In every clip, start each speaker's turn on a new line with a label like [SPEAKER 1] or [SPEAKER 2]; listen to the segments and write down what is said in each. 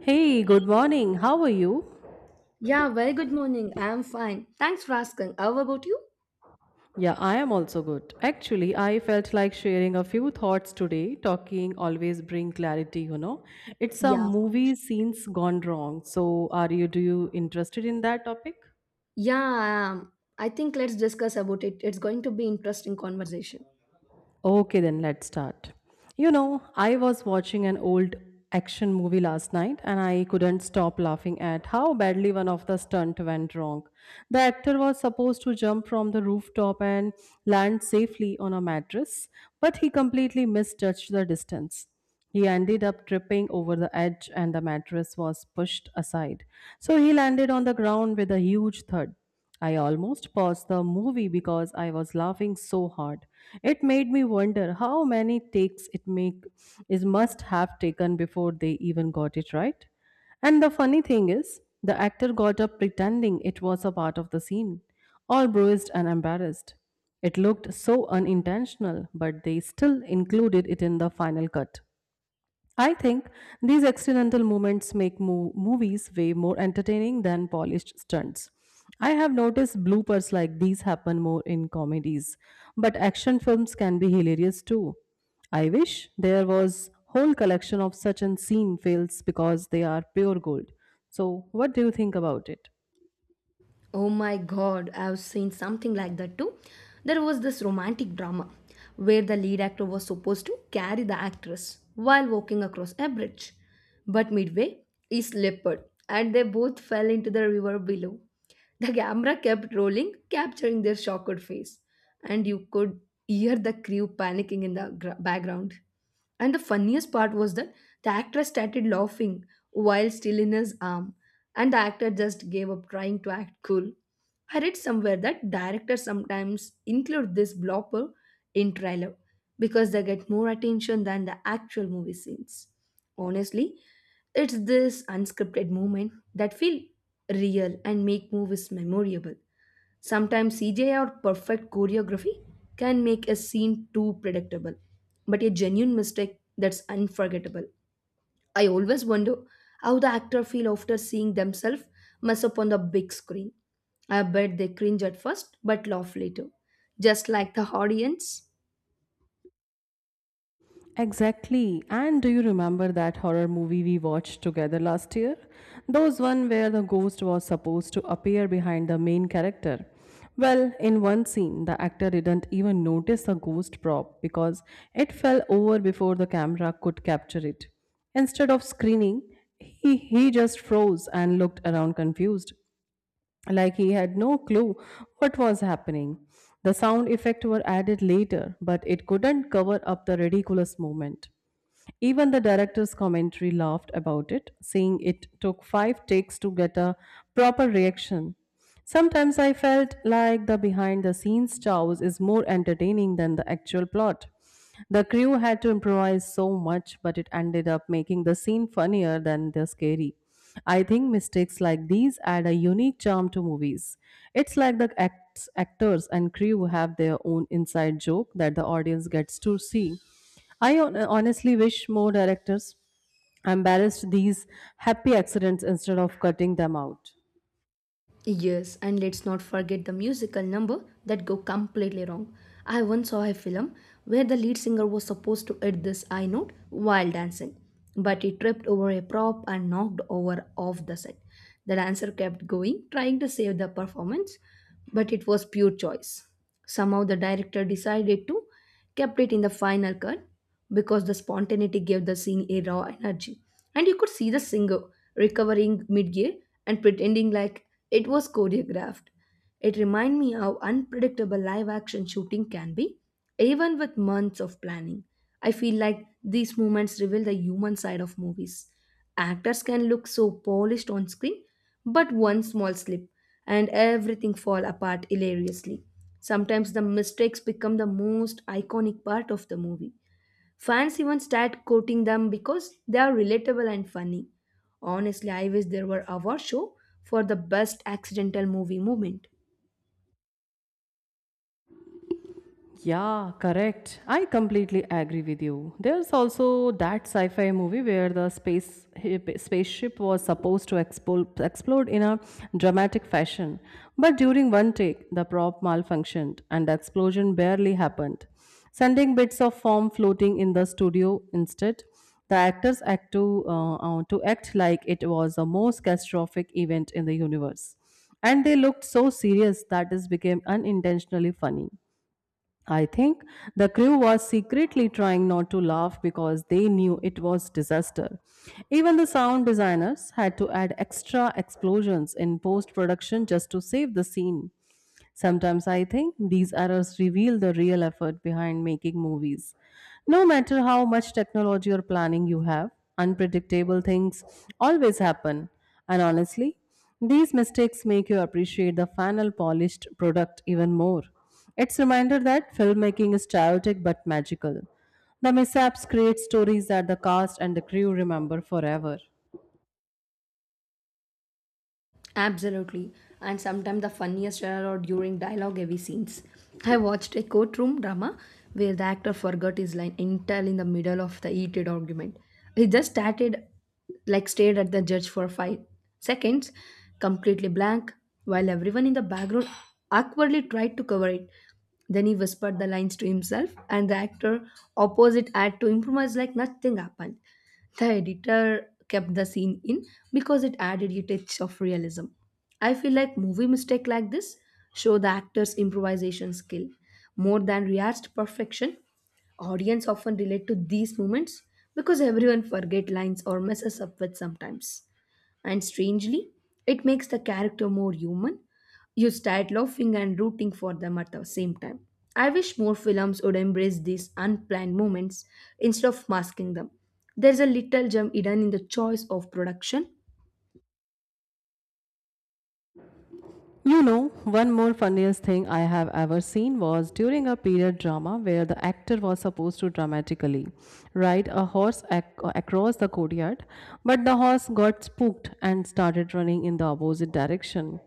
[SPEAKER 1] Hey, good morning. How are you?
[SPEAKER 2] Yeah, very good morning. I'm fine. Thanks for asking. How about you?
[SPEAKER 1] Yeah, I am also good. Actually, I felt like sharing a few thoughts today. Talking always bring clarity, you know. It's a
[SPEAKER 2] Yeah.
[SPEAKER 1] movie scenes gone wrong. So, are you do you interested in that topic?
[SPEAKER 2] Yeah, I am. I think let's discuss about it. It's going to be interesting conversation.
[SPEAKER 1] Okay, then let's start. You know, I was watching an old action movie last night and I couldn't stop laughing at how badly one of the stunt went wrong. The actor was supposed to jump from the rooftop and land safely on a mattress, but he completely misjudged the distance. He ended up tripping over the edge and the mattress was pushed aside. So he landed on the ground with a huge thud. I almost paused the movie because I was laughing so hard. It made me wonder how many takes it make is must have taken before they even got it right. And the funny thing is, the actor got up pretending it was a part of the scene, all bruised and embarrassed. It looked so unintentional, but they still included it in the final cut. I think these accidental moments make movies way more entertaining than polished stunts. I have noticed bloopers like these happen more in comedies, but action films can be hilarious too. I wish there was whole collection of such unseen fails because they are pure gold. So, what do you think about it?
[SPEAKER 2] Oh my god, I've seen something like that too. There was this romantic drama where the lead actor was supposed to carry the actress while walking across a bridge. But midway, he slipped and they both fell into the river below. The camera kept rolling, capturing their shocked face, and you could hear the crew panicking in the background. And the funniest part was that the actress started laughing while still in his arm, and the actor just gave up trying to act cool. I read somewhere that directors sometimes include this blooper in trailer because they get more attention than the actual movie scenes. Honestly, it's this unscripted moment that feel real and make movies memorable. Sometimes CGI or perfect choreography can make a scene too predictable, but a genuine mistake that's unforgettable. I always wonder how the actor feel after seeing themselves mess up on the big screen. I bet they cringe at first but laugh later, just like the audience.
[SPEAKER 1] Exactly. And do you remember that horror movie we watched together last year? Those one where the ghost was supposed to appear behind the main character. Well, in one scene, the actor didn't even notice the ghost prop because it fell over before the camera could capture it. Instead of screening, he just froze and looked around confused like he had no clue what was happening. The sound effects were added later, but it couldn't cover up the ridiculous moment. Even the director's commentary laughed about it, saying it took five takes to get a proper reaction. Sometimes I felt like the behind the scenes chows is more entertaining than the actual plot. The crew had to improvise so much, but it ended up making the scene funnier than the scary. I think mistakes like these add a unique charm to movies. It's like the actors and crew have their own inside joke that the audience gets to see. I honestly wish more directors embarrassed these happy accidents instead of cutting them out.
[SPEAKER 2] Yes, and let's not forget the musical number that go completely wrong. I once saw a film where the lead singer was supposed to hit this high note while dancing, but he tripped over a prop and knocked over off the set. The dancer kept going, trying to save the performance, but it was pure choice. Somehow the director decided to kept it in the final cut, because the spontaneity gave the scene a raw energy. And you could see the singer recovering mid-gear and pretending like it was choreographed. It reminded me how unpredictable live action shooting can be, even with months of planning. I feel like these moments reveal the human side of movies. Actors can look so polished on screen, but one small slip and everything fall apart hilariously. Sometimes the mistakes become the most iconic part of the movie. Fans even start quoting them because they are relatable and funny. Honestly, I wish there were award show for the best accidental movie moment.
[SPEAKER 1] Yeah, correct. I completely agree with you. There's also that sci-fi movie where the spaceship was supposed to explode in a dramatic fashion, but during one take, the prop malfunctioned and the explosion barely happened, sending bits of foam floating in the studio instead. The actors act to, act like it was the most catastrophic event in the universe. And they looked so serious that this became unintentionally funny. I think the crew was secretly trying not to laugh because they knew it was disaster. Even the sound designers had to add extra explosions in post-production just to save the scene. Sometimes I think these errors reveal the real effort behind making movies. No matter how much technology or planning you have, unpredictable things always happen. And honestly, these mistakes make you appreciate the final polished product even more. It's a reminder that filmmaking is chaotic but magical. The mishaps create stories that the cast and the crew remember forever.
[SPEAKER 2] Absolutely. And sometimes the funniest are or during dialogue heavy scenes. I watched a courtroom drama where the actor forgot his line entirely in the middle of the heated argument. He just started, like, stared at the judge for 5 seconds, completely blank, while everyone in the background awkwardly tried to cover it. Then he whispered the lines to himself, and the actor opposite had to improvise like nothing happened. The editor kept the scene in because it added a touch of realism. I feel like movie mistake like this show the actor's improvisation skill more than rehearsed perfection. Audience often relate to these moments because everyone forget lines or messes up with sometimes. And strangely, it makes the character more human. You start laughing and rooting for them at the same time. I wish more films would embrace these unplanned moments instead of masking them. There's a little gem hidden in the choice of production.
[SPEAKER 1] You know, one more funniest thing I have ever seen was during a period drama where the actor was supposed to dramatically ride a horse across the courtyard, but the horse got spooked and started running in the opposite direction.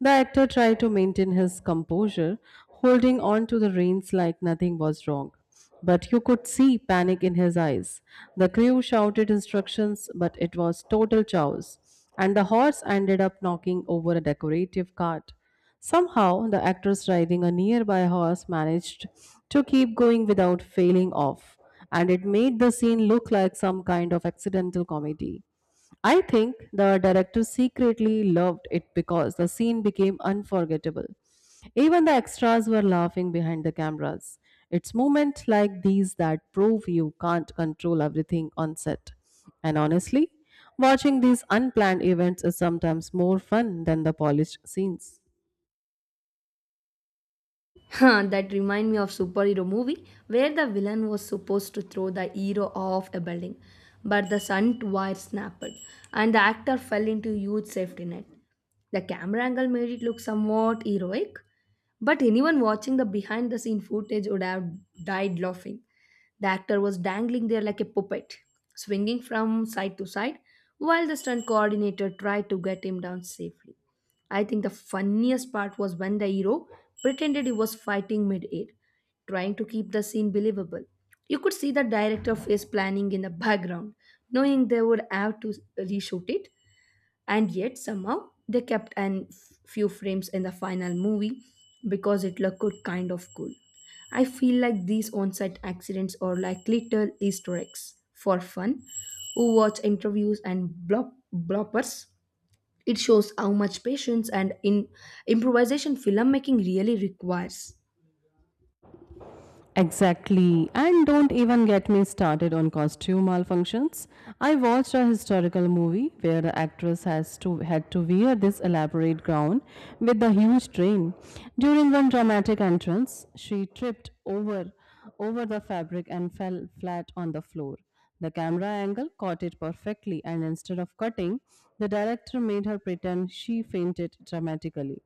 [SPEAKER 1] The actor tried to maintain his composure, holding on to the reins like nothing was wrong. But you could see panic in his eyes. The crew shouted instructions, but it was total chaos, and the horse ended up knocking over a decorative cart. Somehow, the actress riding a nearby horse managed to keep going without failing off, and it made the scene look like some kind of accidental comedy. I think the director secretly loved it because the scene became unforgettable. Even the extras were laughing behind the cameras. It's moments like these that prove you can't control everything on set. And honestly, watching these unplanned events is sometimes more fun than the polished scenes.
[SPEAKER 2] Huh, that remind me of superhero movie where the villain was supposed to throw the hero off a building, but the stunt wire snapped and the actor fell into huge safety net. The camera angle made it look somewhat heroic, but anyone watching the behind the scene footage would have died laughing. The actor was dangling there like a puppet, swinging from side to side, while the stunt coordinator tried to get him down safely. I think the funniest part was when the hero pretended he was fighting mid air, trying to keep the scene believable. You could see the director face planning in the background, knowing they would have to reshoot it, and yet somehow they kept an few frames in the final movie because it looked good, kind of cool. I feel like these on-set accidents are like little Easter eggs for fun. Who watch interviews and bloppers? It shows how much patience and in improvisation filmmaking really requires.
[SPEAKER 1] Exactly. And don't even get me started on costume malfunctions. I watched a historical movie where the actress has to had to wear this elaborate gown with the huge train. During one dramatic entrance, she tripped over the fabric and fell flat on the floor. The camera angle caught it perfectly, and instead of cutting, the director made her pretend she fainted dramatically.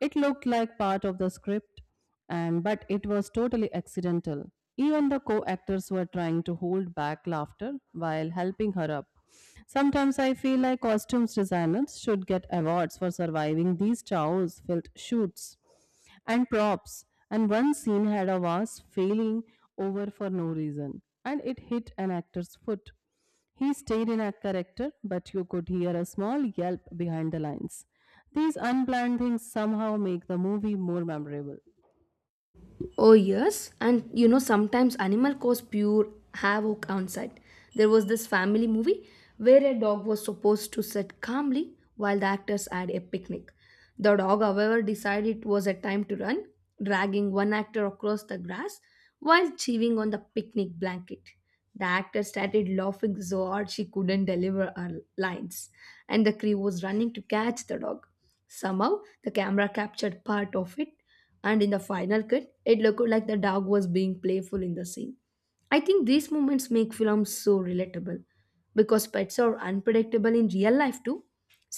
[SPEAKER 1] It looked like part of the script, and but it was totally accidental. Even the co-actors were trying to hold back laughter while helping her up. Sometimes I feel like costumes designers should get awards for surviving these chows filled shoots and props. And one scene had a vase failing over for no reason, and it hit an actor's foot. He stayed in a character, but you could hear a small yelp behind the lines. These unplanned things somehow make the movie more memorable.
[SPEAKER 2] Oh, yes. And you know, sometimes animal cause pure havoc on site. There was this family movie where a dog was supposed to sit calmly while the actors had a picnic. The dog, however, decided it was a time to run, dragging one actor across the grass while chewing on the picnic blanket. The actor started laughing so hard she couldn't deliver her lines, and the crew was running to catch the dog. Somehow, the camera captured part of it, and in the final cut it looked like the dog was being playful in the scene. I think these moments make films so relatable because pets are unpredictable in real life too.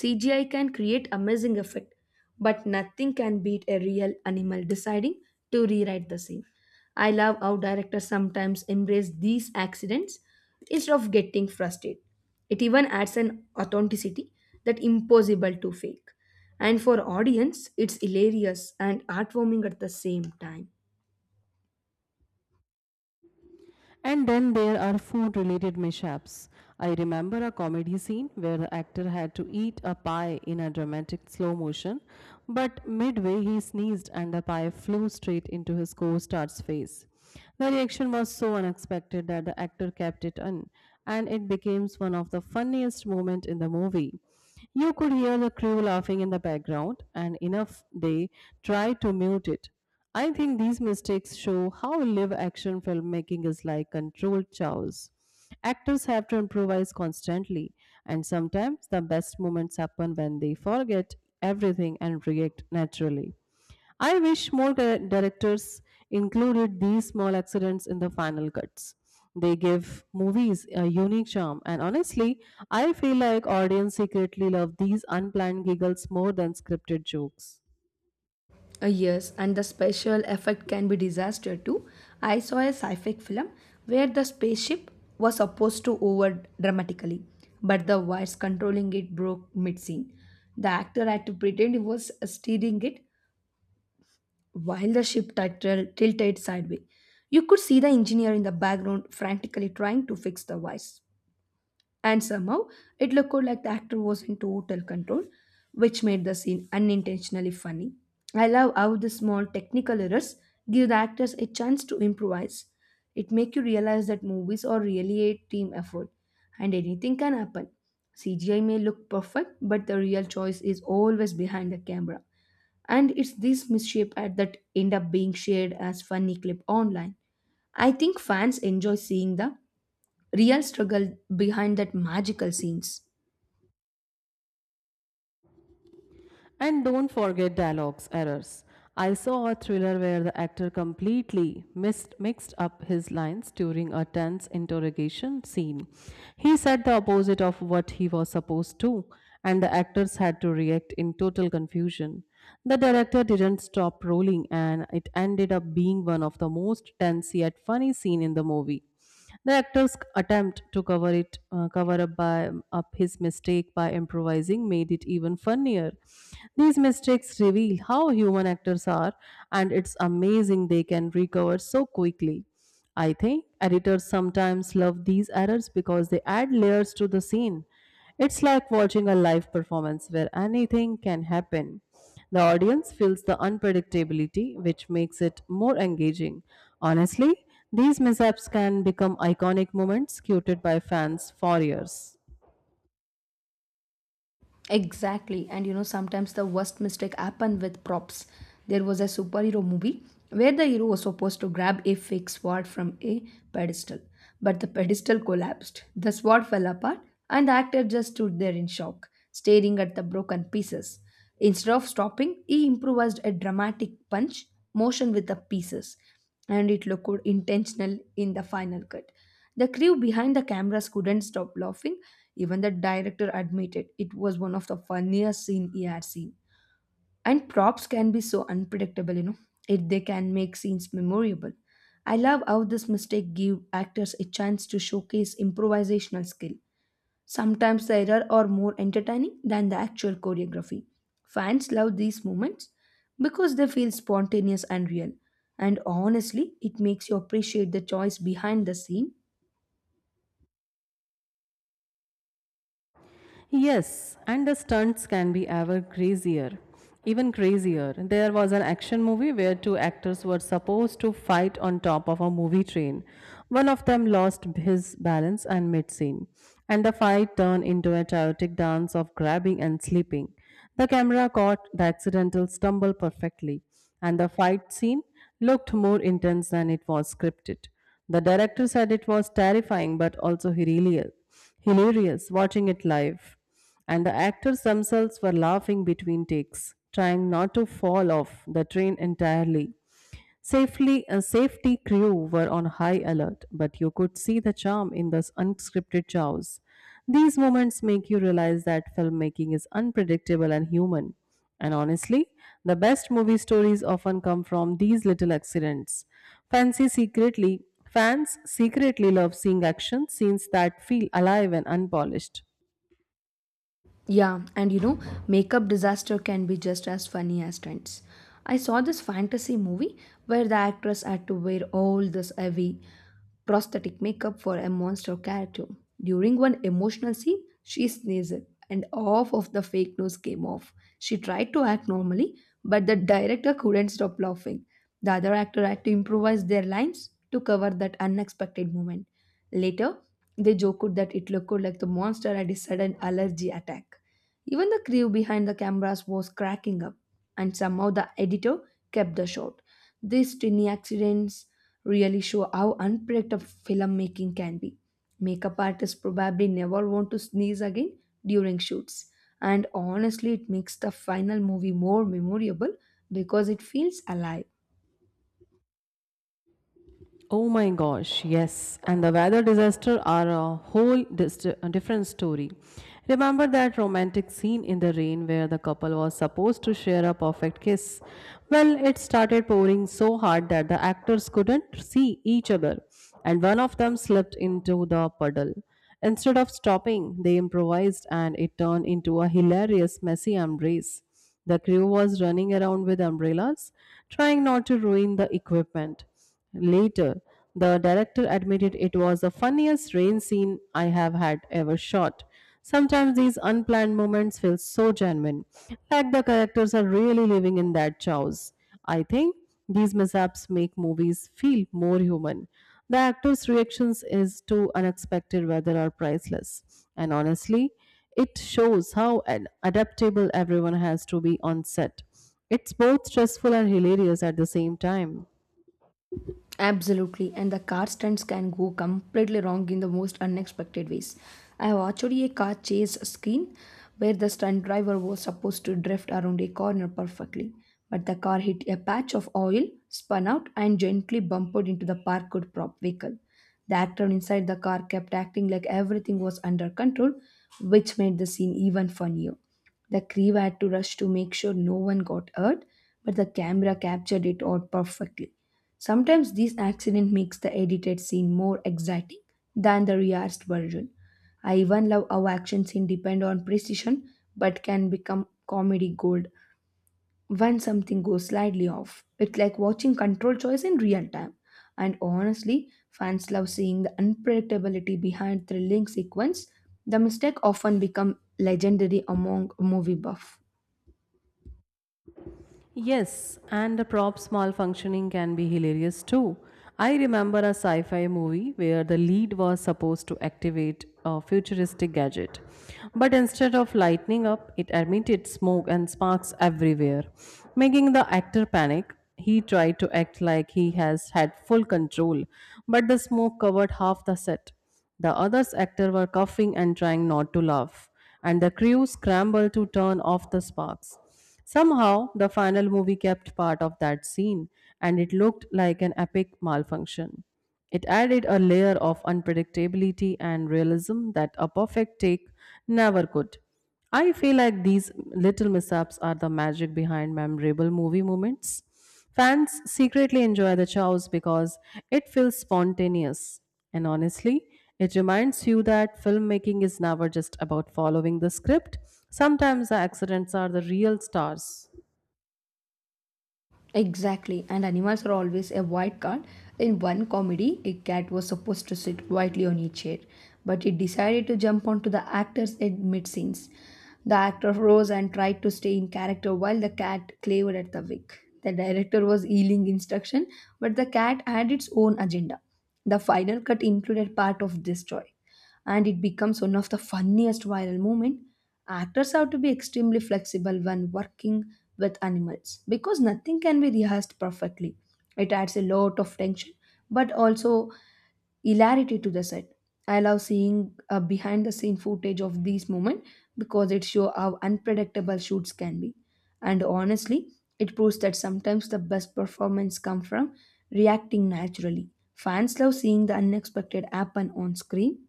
[SPEAKER 2] CGI can create amazing effect, but nothing can beat a real animal deciding to rewrite the scene. I love how directors sometimes embrace these accidents instead of getting frustrated. It even adds an authenticity that impossible to fake. And for audience, it's hilarious and heartwarming at the same time.
[SPEAKER 1] And then there are food related mishaps. I remember a comedy scene where the actor had to eat a pie in a dramatic slow motion, but midway he sneezed and the pie flew straight into his co star's face. The reaction was so unexpected that the actor kept it in, and it became one of the funniest moments in the movie. You could hear the crew laughing in the background, and enough they tried to mute it. I think these mistakes show how live action filmmaking is like controlled chaos. Actors have to improvise constantly, and sometimes the best moments happen when they forget everything and react naturally. I wish more directors included these small accidents in the final cuts. They give movies a unique charm, and honestly, I feel like audience secretly love these unplanned giggles more than scripted jokes.
[SPEAKER 2] Yes, and the special effect can be disaster too. I saw a sci-fi film where the spaceship was supposed to over dramatically, but the wires controlling it broke mid-scene. The actor had to pretend he was steering it while the ship tilted sideways. You could see the engineer in the background frantically trying to fix the wires, and somehow it looked like the actor was in total control, which made the scene unintentionally funny. I love how the small technical errors give the actors a chance to improvise. It makes you realize that movies are really a team effort, and anything can happen. CGI may look perfect, but the real choice is always behind the camera. And it's these mishape ad that end up being shared as funny clip online. I think fans enjoy seeing the real struggle behind that magical scenes.
[SPEAKER 1] And don't forget dialogues errors. I saw a thriller where the actor completely mixed up his lines during a tense interrogation scene. He said the opposite of what he was supposed to, and the actors had to react in total confusion. The director didn't stop rolling, and it ended up being one of the most tense yet funny scene in the movie. The actor's attempt to cover it cover up his mistake by improvising made it even funnier. These mistakes reveal how human actors are, and it's amazing they can recover so quickly. I think editors sometimes love these errors because they add layers to the scene. It's like watching a live performance where anything can happen. The audience feels the unpredictability, which makes it more engaging. Honestly, these mishaps can become iconic moments quoted by fans for years.
[SPEAKER 2] Exactly, and you know, sometimes the worst mistake happened with props. There was a superhero movie where the hero was supposed to grab a fake sword from a pedestal, but the pedestal collapsed, the sword fell apart, and the actor just stood there in shock staring at the broken pieces. Instead of stopping, he improvised a dramatic punch motion with the pieces, and it looked intentional in the final cut. The crew behind the cameras couldn't stop laughing. Even the director admitted it was one of the funniest scenes he had seen. And props can be so unpredictable, you know, if they can make scenes memorable. I love how this mistake gave actors a chance to showcase improvisational skill. Sometimes the errors are more entertaining than the actual choreography. Fans love these moments because they feel spontaneous and real. And honestly, it makes you appreciate the choice behind the scene.
[SPEAKER 1] Yes, and the stunts can be ever crazier. Even crazier. There was an action movie where two actors were supposed to fight on top of a movie train. One of them lost his balance and mid scene, and the fight turned into a chaotic dance of grabbing and slipping. The camera caught the accidental stumble perfectly, and the fight scene looked more intense than it was scripted. The director said it was terrifying but also hilarious watching it live. And the actors themselves were laughing between takes, trying not to fall off the train entirely. A safety crew were on high alert, but you could see the charm in the unscripted chows. These moments make you realize that filmmaking is unpredictable and human. And honestly, the best movie stories often come from these little accidents. Fancy secretly, fans secretly love seeing action scenes that feel alive and unpolished.
[SPEAKER 2] Yeah, and you know, makeup disaster can be just as funny as trends. I saw this fantasy movie where the actress had to wear all this heavy prosthetic makeup for a monster character. During one emotional scene, she sneezed and half of the fake nose came off. She tried to act normally, but the director couldn't stop laughing. The other actor had to improvise their lines to cover that unexpected moment. Later, they joked that it looked like the monster had a sudden allergy attack. Even the crew behind the cameras was cracking up, and somehow the editor kept the shot. These tiny accidents really show how unpredictable filmmaking can be. Makeup artists probably never want to sneeze again during shoots, and honestly, it makes the final movie more memorable because it feels alive.
[SPEAKER 1] Oh my gosh, yes. And the weather disaster are a whole a different story. Remember that romantic scene in the rain where the couple was supposed to share a perfect kiss? Well, it started pouring so hard that the actors couldn't see each other, and one of them slipped into the puddle. Instead of stopping, they improvised and it turned into a hilarious, messy embrace. The crew was running around with umbrellas, trying not to ruin the equipment. Later, the director admitted it was the funniest rain scene I have had ever shot. Sometimes these unplanned moments feel so genuine, like the characters are really living in that chaos. I think these mishaps make movies feel more human. The actors' reactions is to unexpected weather are priceless. And honestly, it shows how adaptable everyone has to be on set. It's both stressful and hilarious at the same time.
[SPEAKER 2] Absolutely, and the car stunts can go completely wrong in the most unexpected ways. I have watched a car chase scene where the stunt driver was supposed to drift around a corner perfectly, but the car hit a patch of oil, spun out, and gently bumped into the parked prop vehicle. The actor inside the car kept acting like everything was under control, which made the scene even funnier. The crew had to rush to make sure no one got hurt, but the camera captured it all perfectly. Sometimes this accident makes the edited scene more exciting than the rehearsed version. I even love how action scenes depend on precision but can become comedy gold when something goes slightly off. It's like watching control choice in real time. And honestly, fans love seeing the unpredictability behind thrilling sequence. The mistake often become legendary among movie buff.
[SPEAKER 1] Yes, and the prop's malfunctioning can be hilarious too. I remember a sci fi movie where the lead was supposed to activate a futuristic gadget, but instead of lighting up, it emitted smoke and sparks everywhere, making the actor panic. He tried to act like he has had full control, but the smoke covered half the set. The others actors were coughing and trying not to laugh, and the crew scrambled to turn off the sparks. Somehow, the final movie kept part of that scene, and it looked like an epic malfunction. It added a layer of unpredictability and realism that a perfect take never could. I feel like these little mishaps are the magic behind memorable movie moments. Fans secretly enjoy the chows because it feels spontaneous. And honestly, it reminds you that filmmaking is never just about following the script. Sometimes the accidents are the real stars.
[SPEAKER 2] Exactly, and animals are always a wild card. In one comedy, a cat was supposed to sit quietly on a chair, but it decided to jump onto the actors at mid scenes. The actor rose and tried to stay in character while the cat clavered at the wig. The director was yelling instruction, but the cat had its own agenda. The final cut included part of this joy, and it becomes one of the funniest viral moments. Actors have to be extremely flexible when working with animals because nothing can be rehearsed perfectly. It adds a lot of tension but also hilarity to the set. I love seeing behind the scene footage of these moments because it shows how unpredictable shoots can be. And honestly, it proves that sometimes the best performance come from reacting naturally. Fans love seeing the unexpected happen on screen.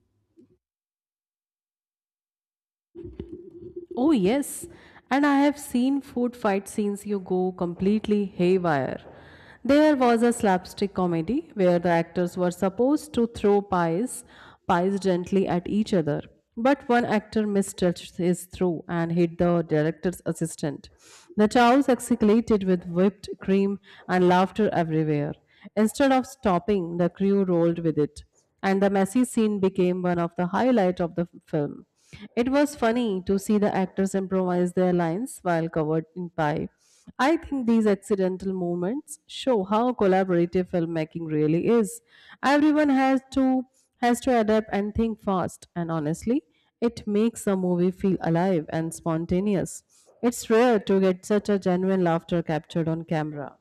[SPEAKER 1] Oh, yes. And I have seen food fight scenes you go completely haywire. There was a slapstick comedy where the actors were supposed to throw pies, pies gently at each other. But one actor mistouched his throw and hit the director's assistant. The chows escalated with whipped cream and laughter everywhere. Instead of stopping, the crew rolled with it and the messy scene became one of the highlight of the film. It was funny to see the actors improvise their lines while covered in pie. I think these accidental moments show how collaborative filmmaking really is. Everyone has to adapt and think fast, and honestly, it makes a movie feel alive and spontaneous. It's rare to get such a genuine laughter captured on camera.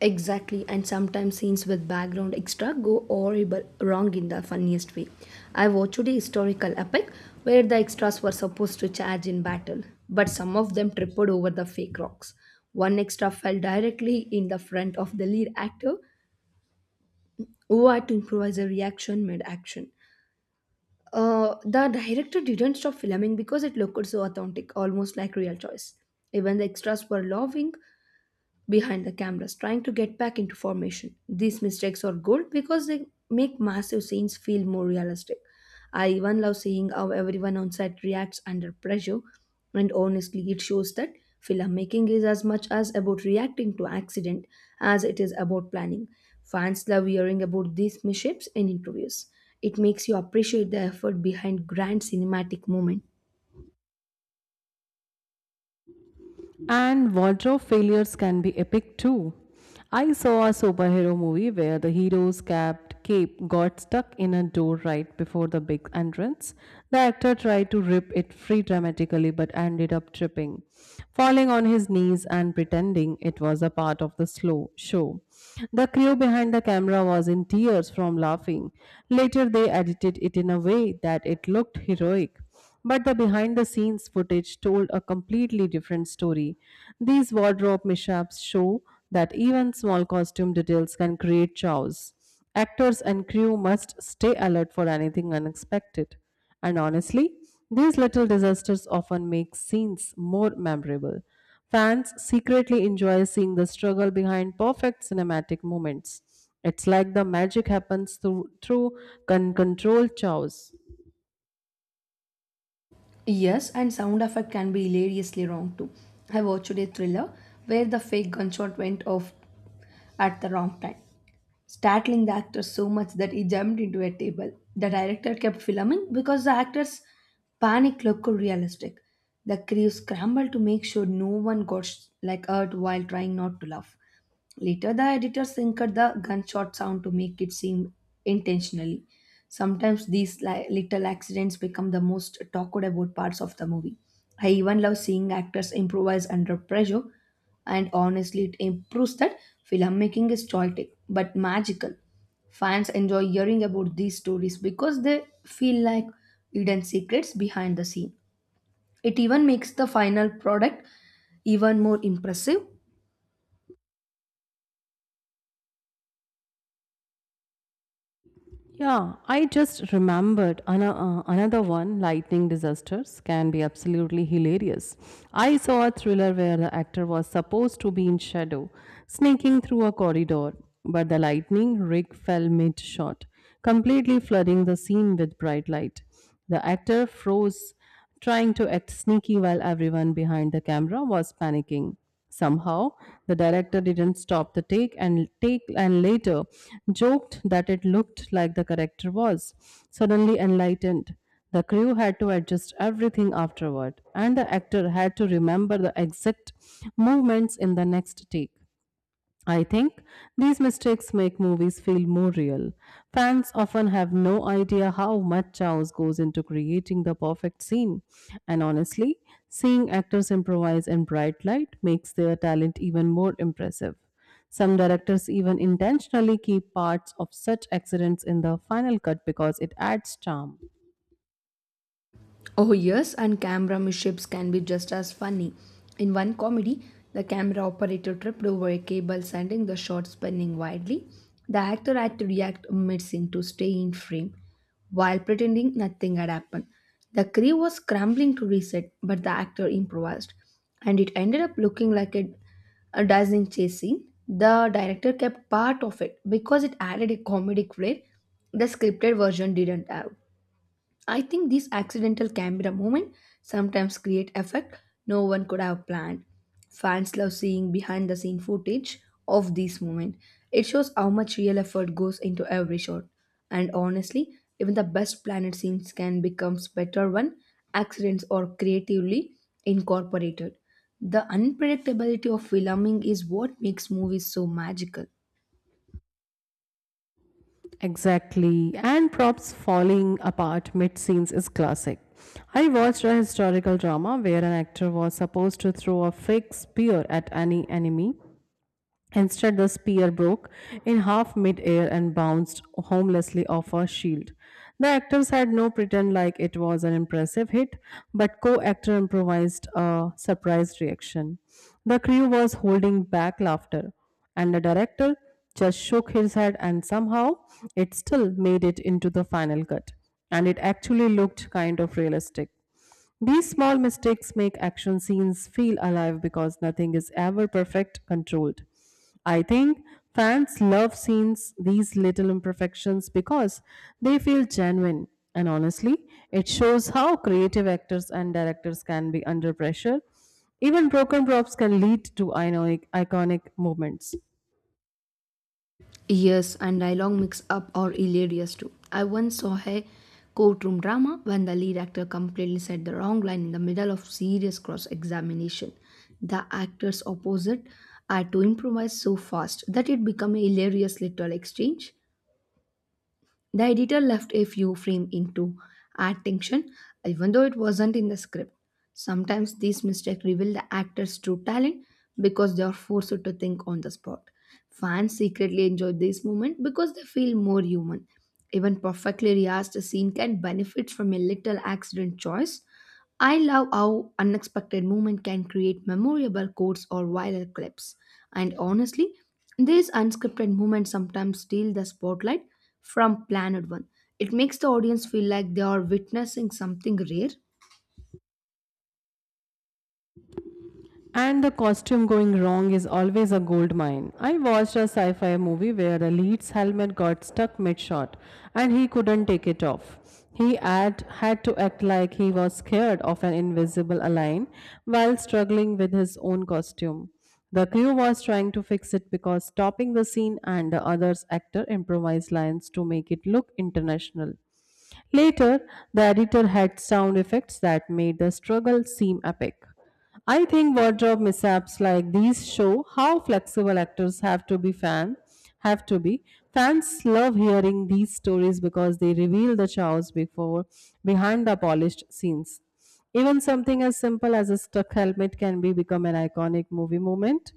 [SPEAKER 2] Exactly, and sometimes scenes with background extra go horrible wrong in the funniest way. I watched a historical epic where the extras were supposed to charge in battle, but some of them tripped over the fake rocks. One extra fell directly in the front of the lead actor, who had to improvise a reaction mid action. The director didn't stop filming because it looked so authentic, almost like real choice. Even the extras were laughing behind the cameras trying to get back into formation. These mistakes are gold because they make massive scenes feel more realistic. I even love seeing how everyone on set reacts under pressure, and honestly, it shows that filmmaking is as much as about reacting to accident as it is about planning. Fans love hearing about these mishaps in interviews. It makes you appreciate the effort behind grand cinematic moments.
[SPEAKER 1] And wardrobe failures can be epic too. I saw a superhero movie where the hero's capped cape got stuck in a door right before the big entrance. The actor tried to rip it free dramatically but ended up tripping, falling on his knees and pretending it was a part of the slow show. The crew behind the camera was in tears from laughing. Later they edited it in a way that it looked heroic. But the behind the scenes footage told a completely different story. These wardrobe mishaps show that even small costume details can create chaos. Actors and crew must stay alert for anything unexpected. And honestly, these little disasters often make scenes more memorable. Fans secretly enjoy seeing the struggle behind perfect cinematic moments. It's like the magic happens through controlled chaos.
[SPEAKER 2] Yes, and sound effect can be hilariously wrong too. I watched a thriller where the fake gunshot went off at the wrong time, startling the actor so much that he jumped into a table. The director kept filming because the actor's panic looked realistic. The crew scrambled to make sure no one got hurt while trying not to laugh. Later, the editor synced the gunshot sound to make it seem intentionally. Sometimes these little accidents become the most talked about parts of the movie. I even love seeing actors improvise under pressure, and honestly, it improves that filmmaking is chaotic but magical. Fans enjoy hearing about these stories because they feel like hidden secrets behind the scene. It even makes the final product even more impressive.
[SPEAKER 1] Yeah, I just remembered another one. Lightning disasters can be absolutely hilarious. I saw a thriller where the actor was supposed to be in shadow, sneaking through a corridor, but the lightning rig fell mid shot, completely flooding the scene with bright light. The actor froze trying to act sneaky while everyone behind the camera was panicking. Somehow, the director didn't stop the take and later joked that it looked like the character was suddenly enlightened. The crew had to adjust everything afterward, and the actor had to remember the exact movements in the next take. I think these mistakes make movies feel more real. Fans often have no idea how much chaos goes into creating the perfect scene. And honestly, seeing actors improvise in bright light makes their talent even more impressive. Some directors even intentionally keep parts of such accidents in the final cut because it adds charm.
[SPEAKER 2] Oh, yes, and camera mishaps can be just as funny. In one comedy, the camera operator tripped over a cable, sending the shot spinning wildly. The actor had to react mid scene to stay in frame while pretending nothing had happened. The crew was scrambling to reset, but the actor improvised, and it ended up looking like a dazzling chase scene. The director kept part of it because it added a comedic flair the scripted version didn't have. I think these accidental camera moment sometimes create effect no one could have planned. Fans love seeing behind the scene footage of these moments. It shows how much real effort goes into every shot. And honestly, even the best planned scenes can become better when accidents are creatively incorporated. The unpredictability of filming is what makes movies so magical.
[SPEAKER 1] Exactly. And props falling apart mid scenes is classic. I watched a historical drama where an actor was supposed to throw a fake spear at any enemy. Instead, the spear broke in half mid-air and bounced harmlessly off her shield. The actors had no pretend like it was an impressive hit, but co-actor improvised a surprised reaction. The crew was holding back laughter, and the director just shook his head and somehow it still made it into the final cut. And it actually looked kind of realistic. These small mistakes make action scenes feel alive because nothing is ever perfect controlled. I think fans love scenes these little imperfections because they feel genuine, and honestly, it shows how creative actors and directors can be under pressure. Even broken props can lead to iconic moments.
[SPEAKER 2] Yes, and dialogue mix up are hilarious too. I once saw a courtroom drama when the lead actor completely said the wrong line in the middle of serious cross examination. The actors opposite had to improvise so fast that it became a hilarious little exchange. The editor left a few frames in to add tension, even though it wasn't in the script. Sometimes these mistakes reveal the actor's true talent because they are forced to think on the spot. Fans secretly enjoy this moment because they feel more human. Even perfectly rehearsed scene can benefit from a little accident choice. I love how unexpected movement can create memorable quotes or viral clips. And honestly, these unscripted moments sometimes steal the spotlight from Planet One. It makes the audience feel like they are witnessing something rare.
[SPEAKER 1] And the costume going wrong is always a gold mine. I watched a sci fi movie where the lead's helmet got stuck mid shot and he couldn't take it off. He had to act like he was scared of an invisible alien while struggling with his own costume. The crew was trying to fix it because stopping the scene and the other's actor improvised lines to make it look international. Later, the editor had sound effects that made the struggle seem epic. I think wardrobe mishaps like these show how flexible actors have to be. Fans love hearing these stories because they reveal the chaos before behind the polished scenes. Even something as simple as a stuck helmet can be become an iconic movie moment.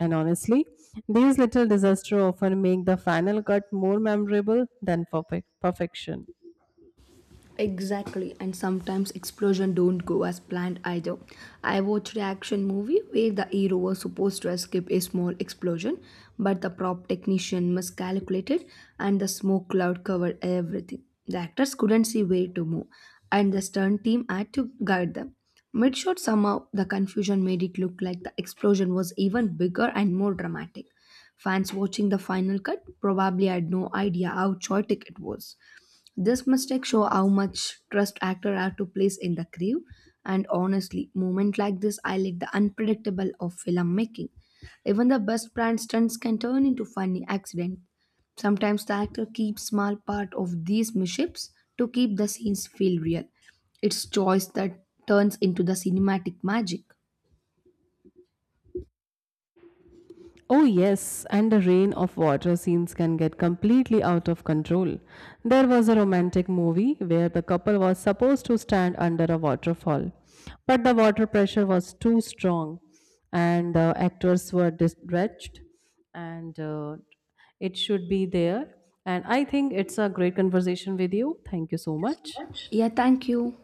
[SPEAKER 1] And honestly, these little disasters often make the final cut more memorable than perfect perfection.
[SPEAKER 2] Exactly, and sometimes explosions don't go as planned either. I watched an action movie where the hero was supposed to escape a small explosion, but the prop technician miscalculated and the smoke cloud covered everything. The actors couldn't see where to move, and the stunt team had to guide them. Mid shot, somehow, the confusion made it look like the explosion was even bigger and more dramatic. Fans watching the final cut probably had no idea how chaotic it was. This mistake show how much trust actor have to place in the crew, and honestly, moment like this highlight the unpredictable of film making. Even the best planned stunts can turn into funny accident. Sometimes the actor keeps small part of these mishaps to keep the scenes feel real. It's choice that turns into the cinematic magic.
[SPEAKER 1] Oh, yes, and the rain of water scenes can get completely out of control. There was a romantic movie where the couple was supposed to stand under a waterfall, but the water pressure was too strong, and the actors were distressed, and it should be there. And I think it's a great conversation with you. Thank you so much.
[SPEAKER 2] Yeah, thank you.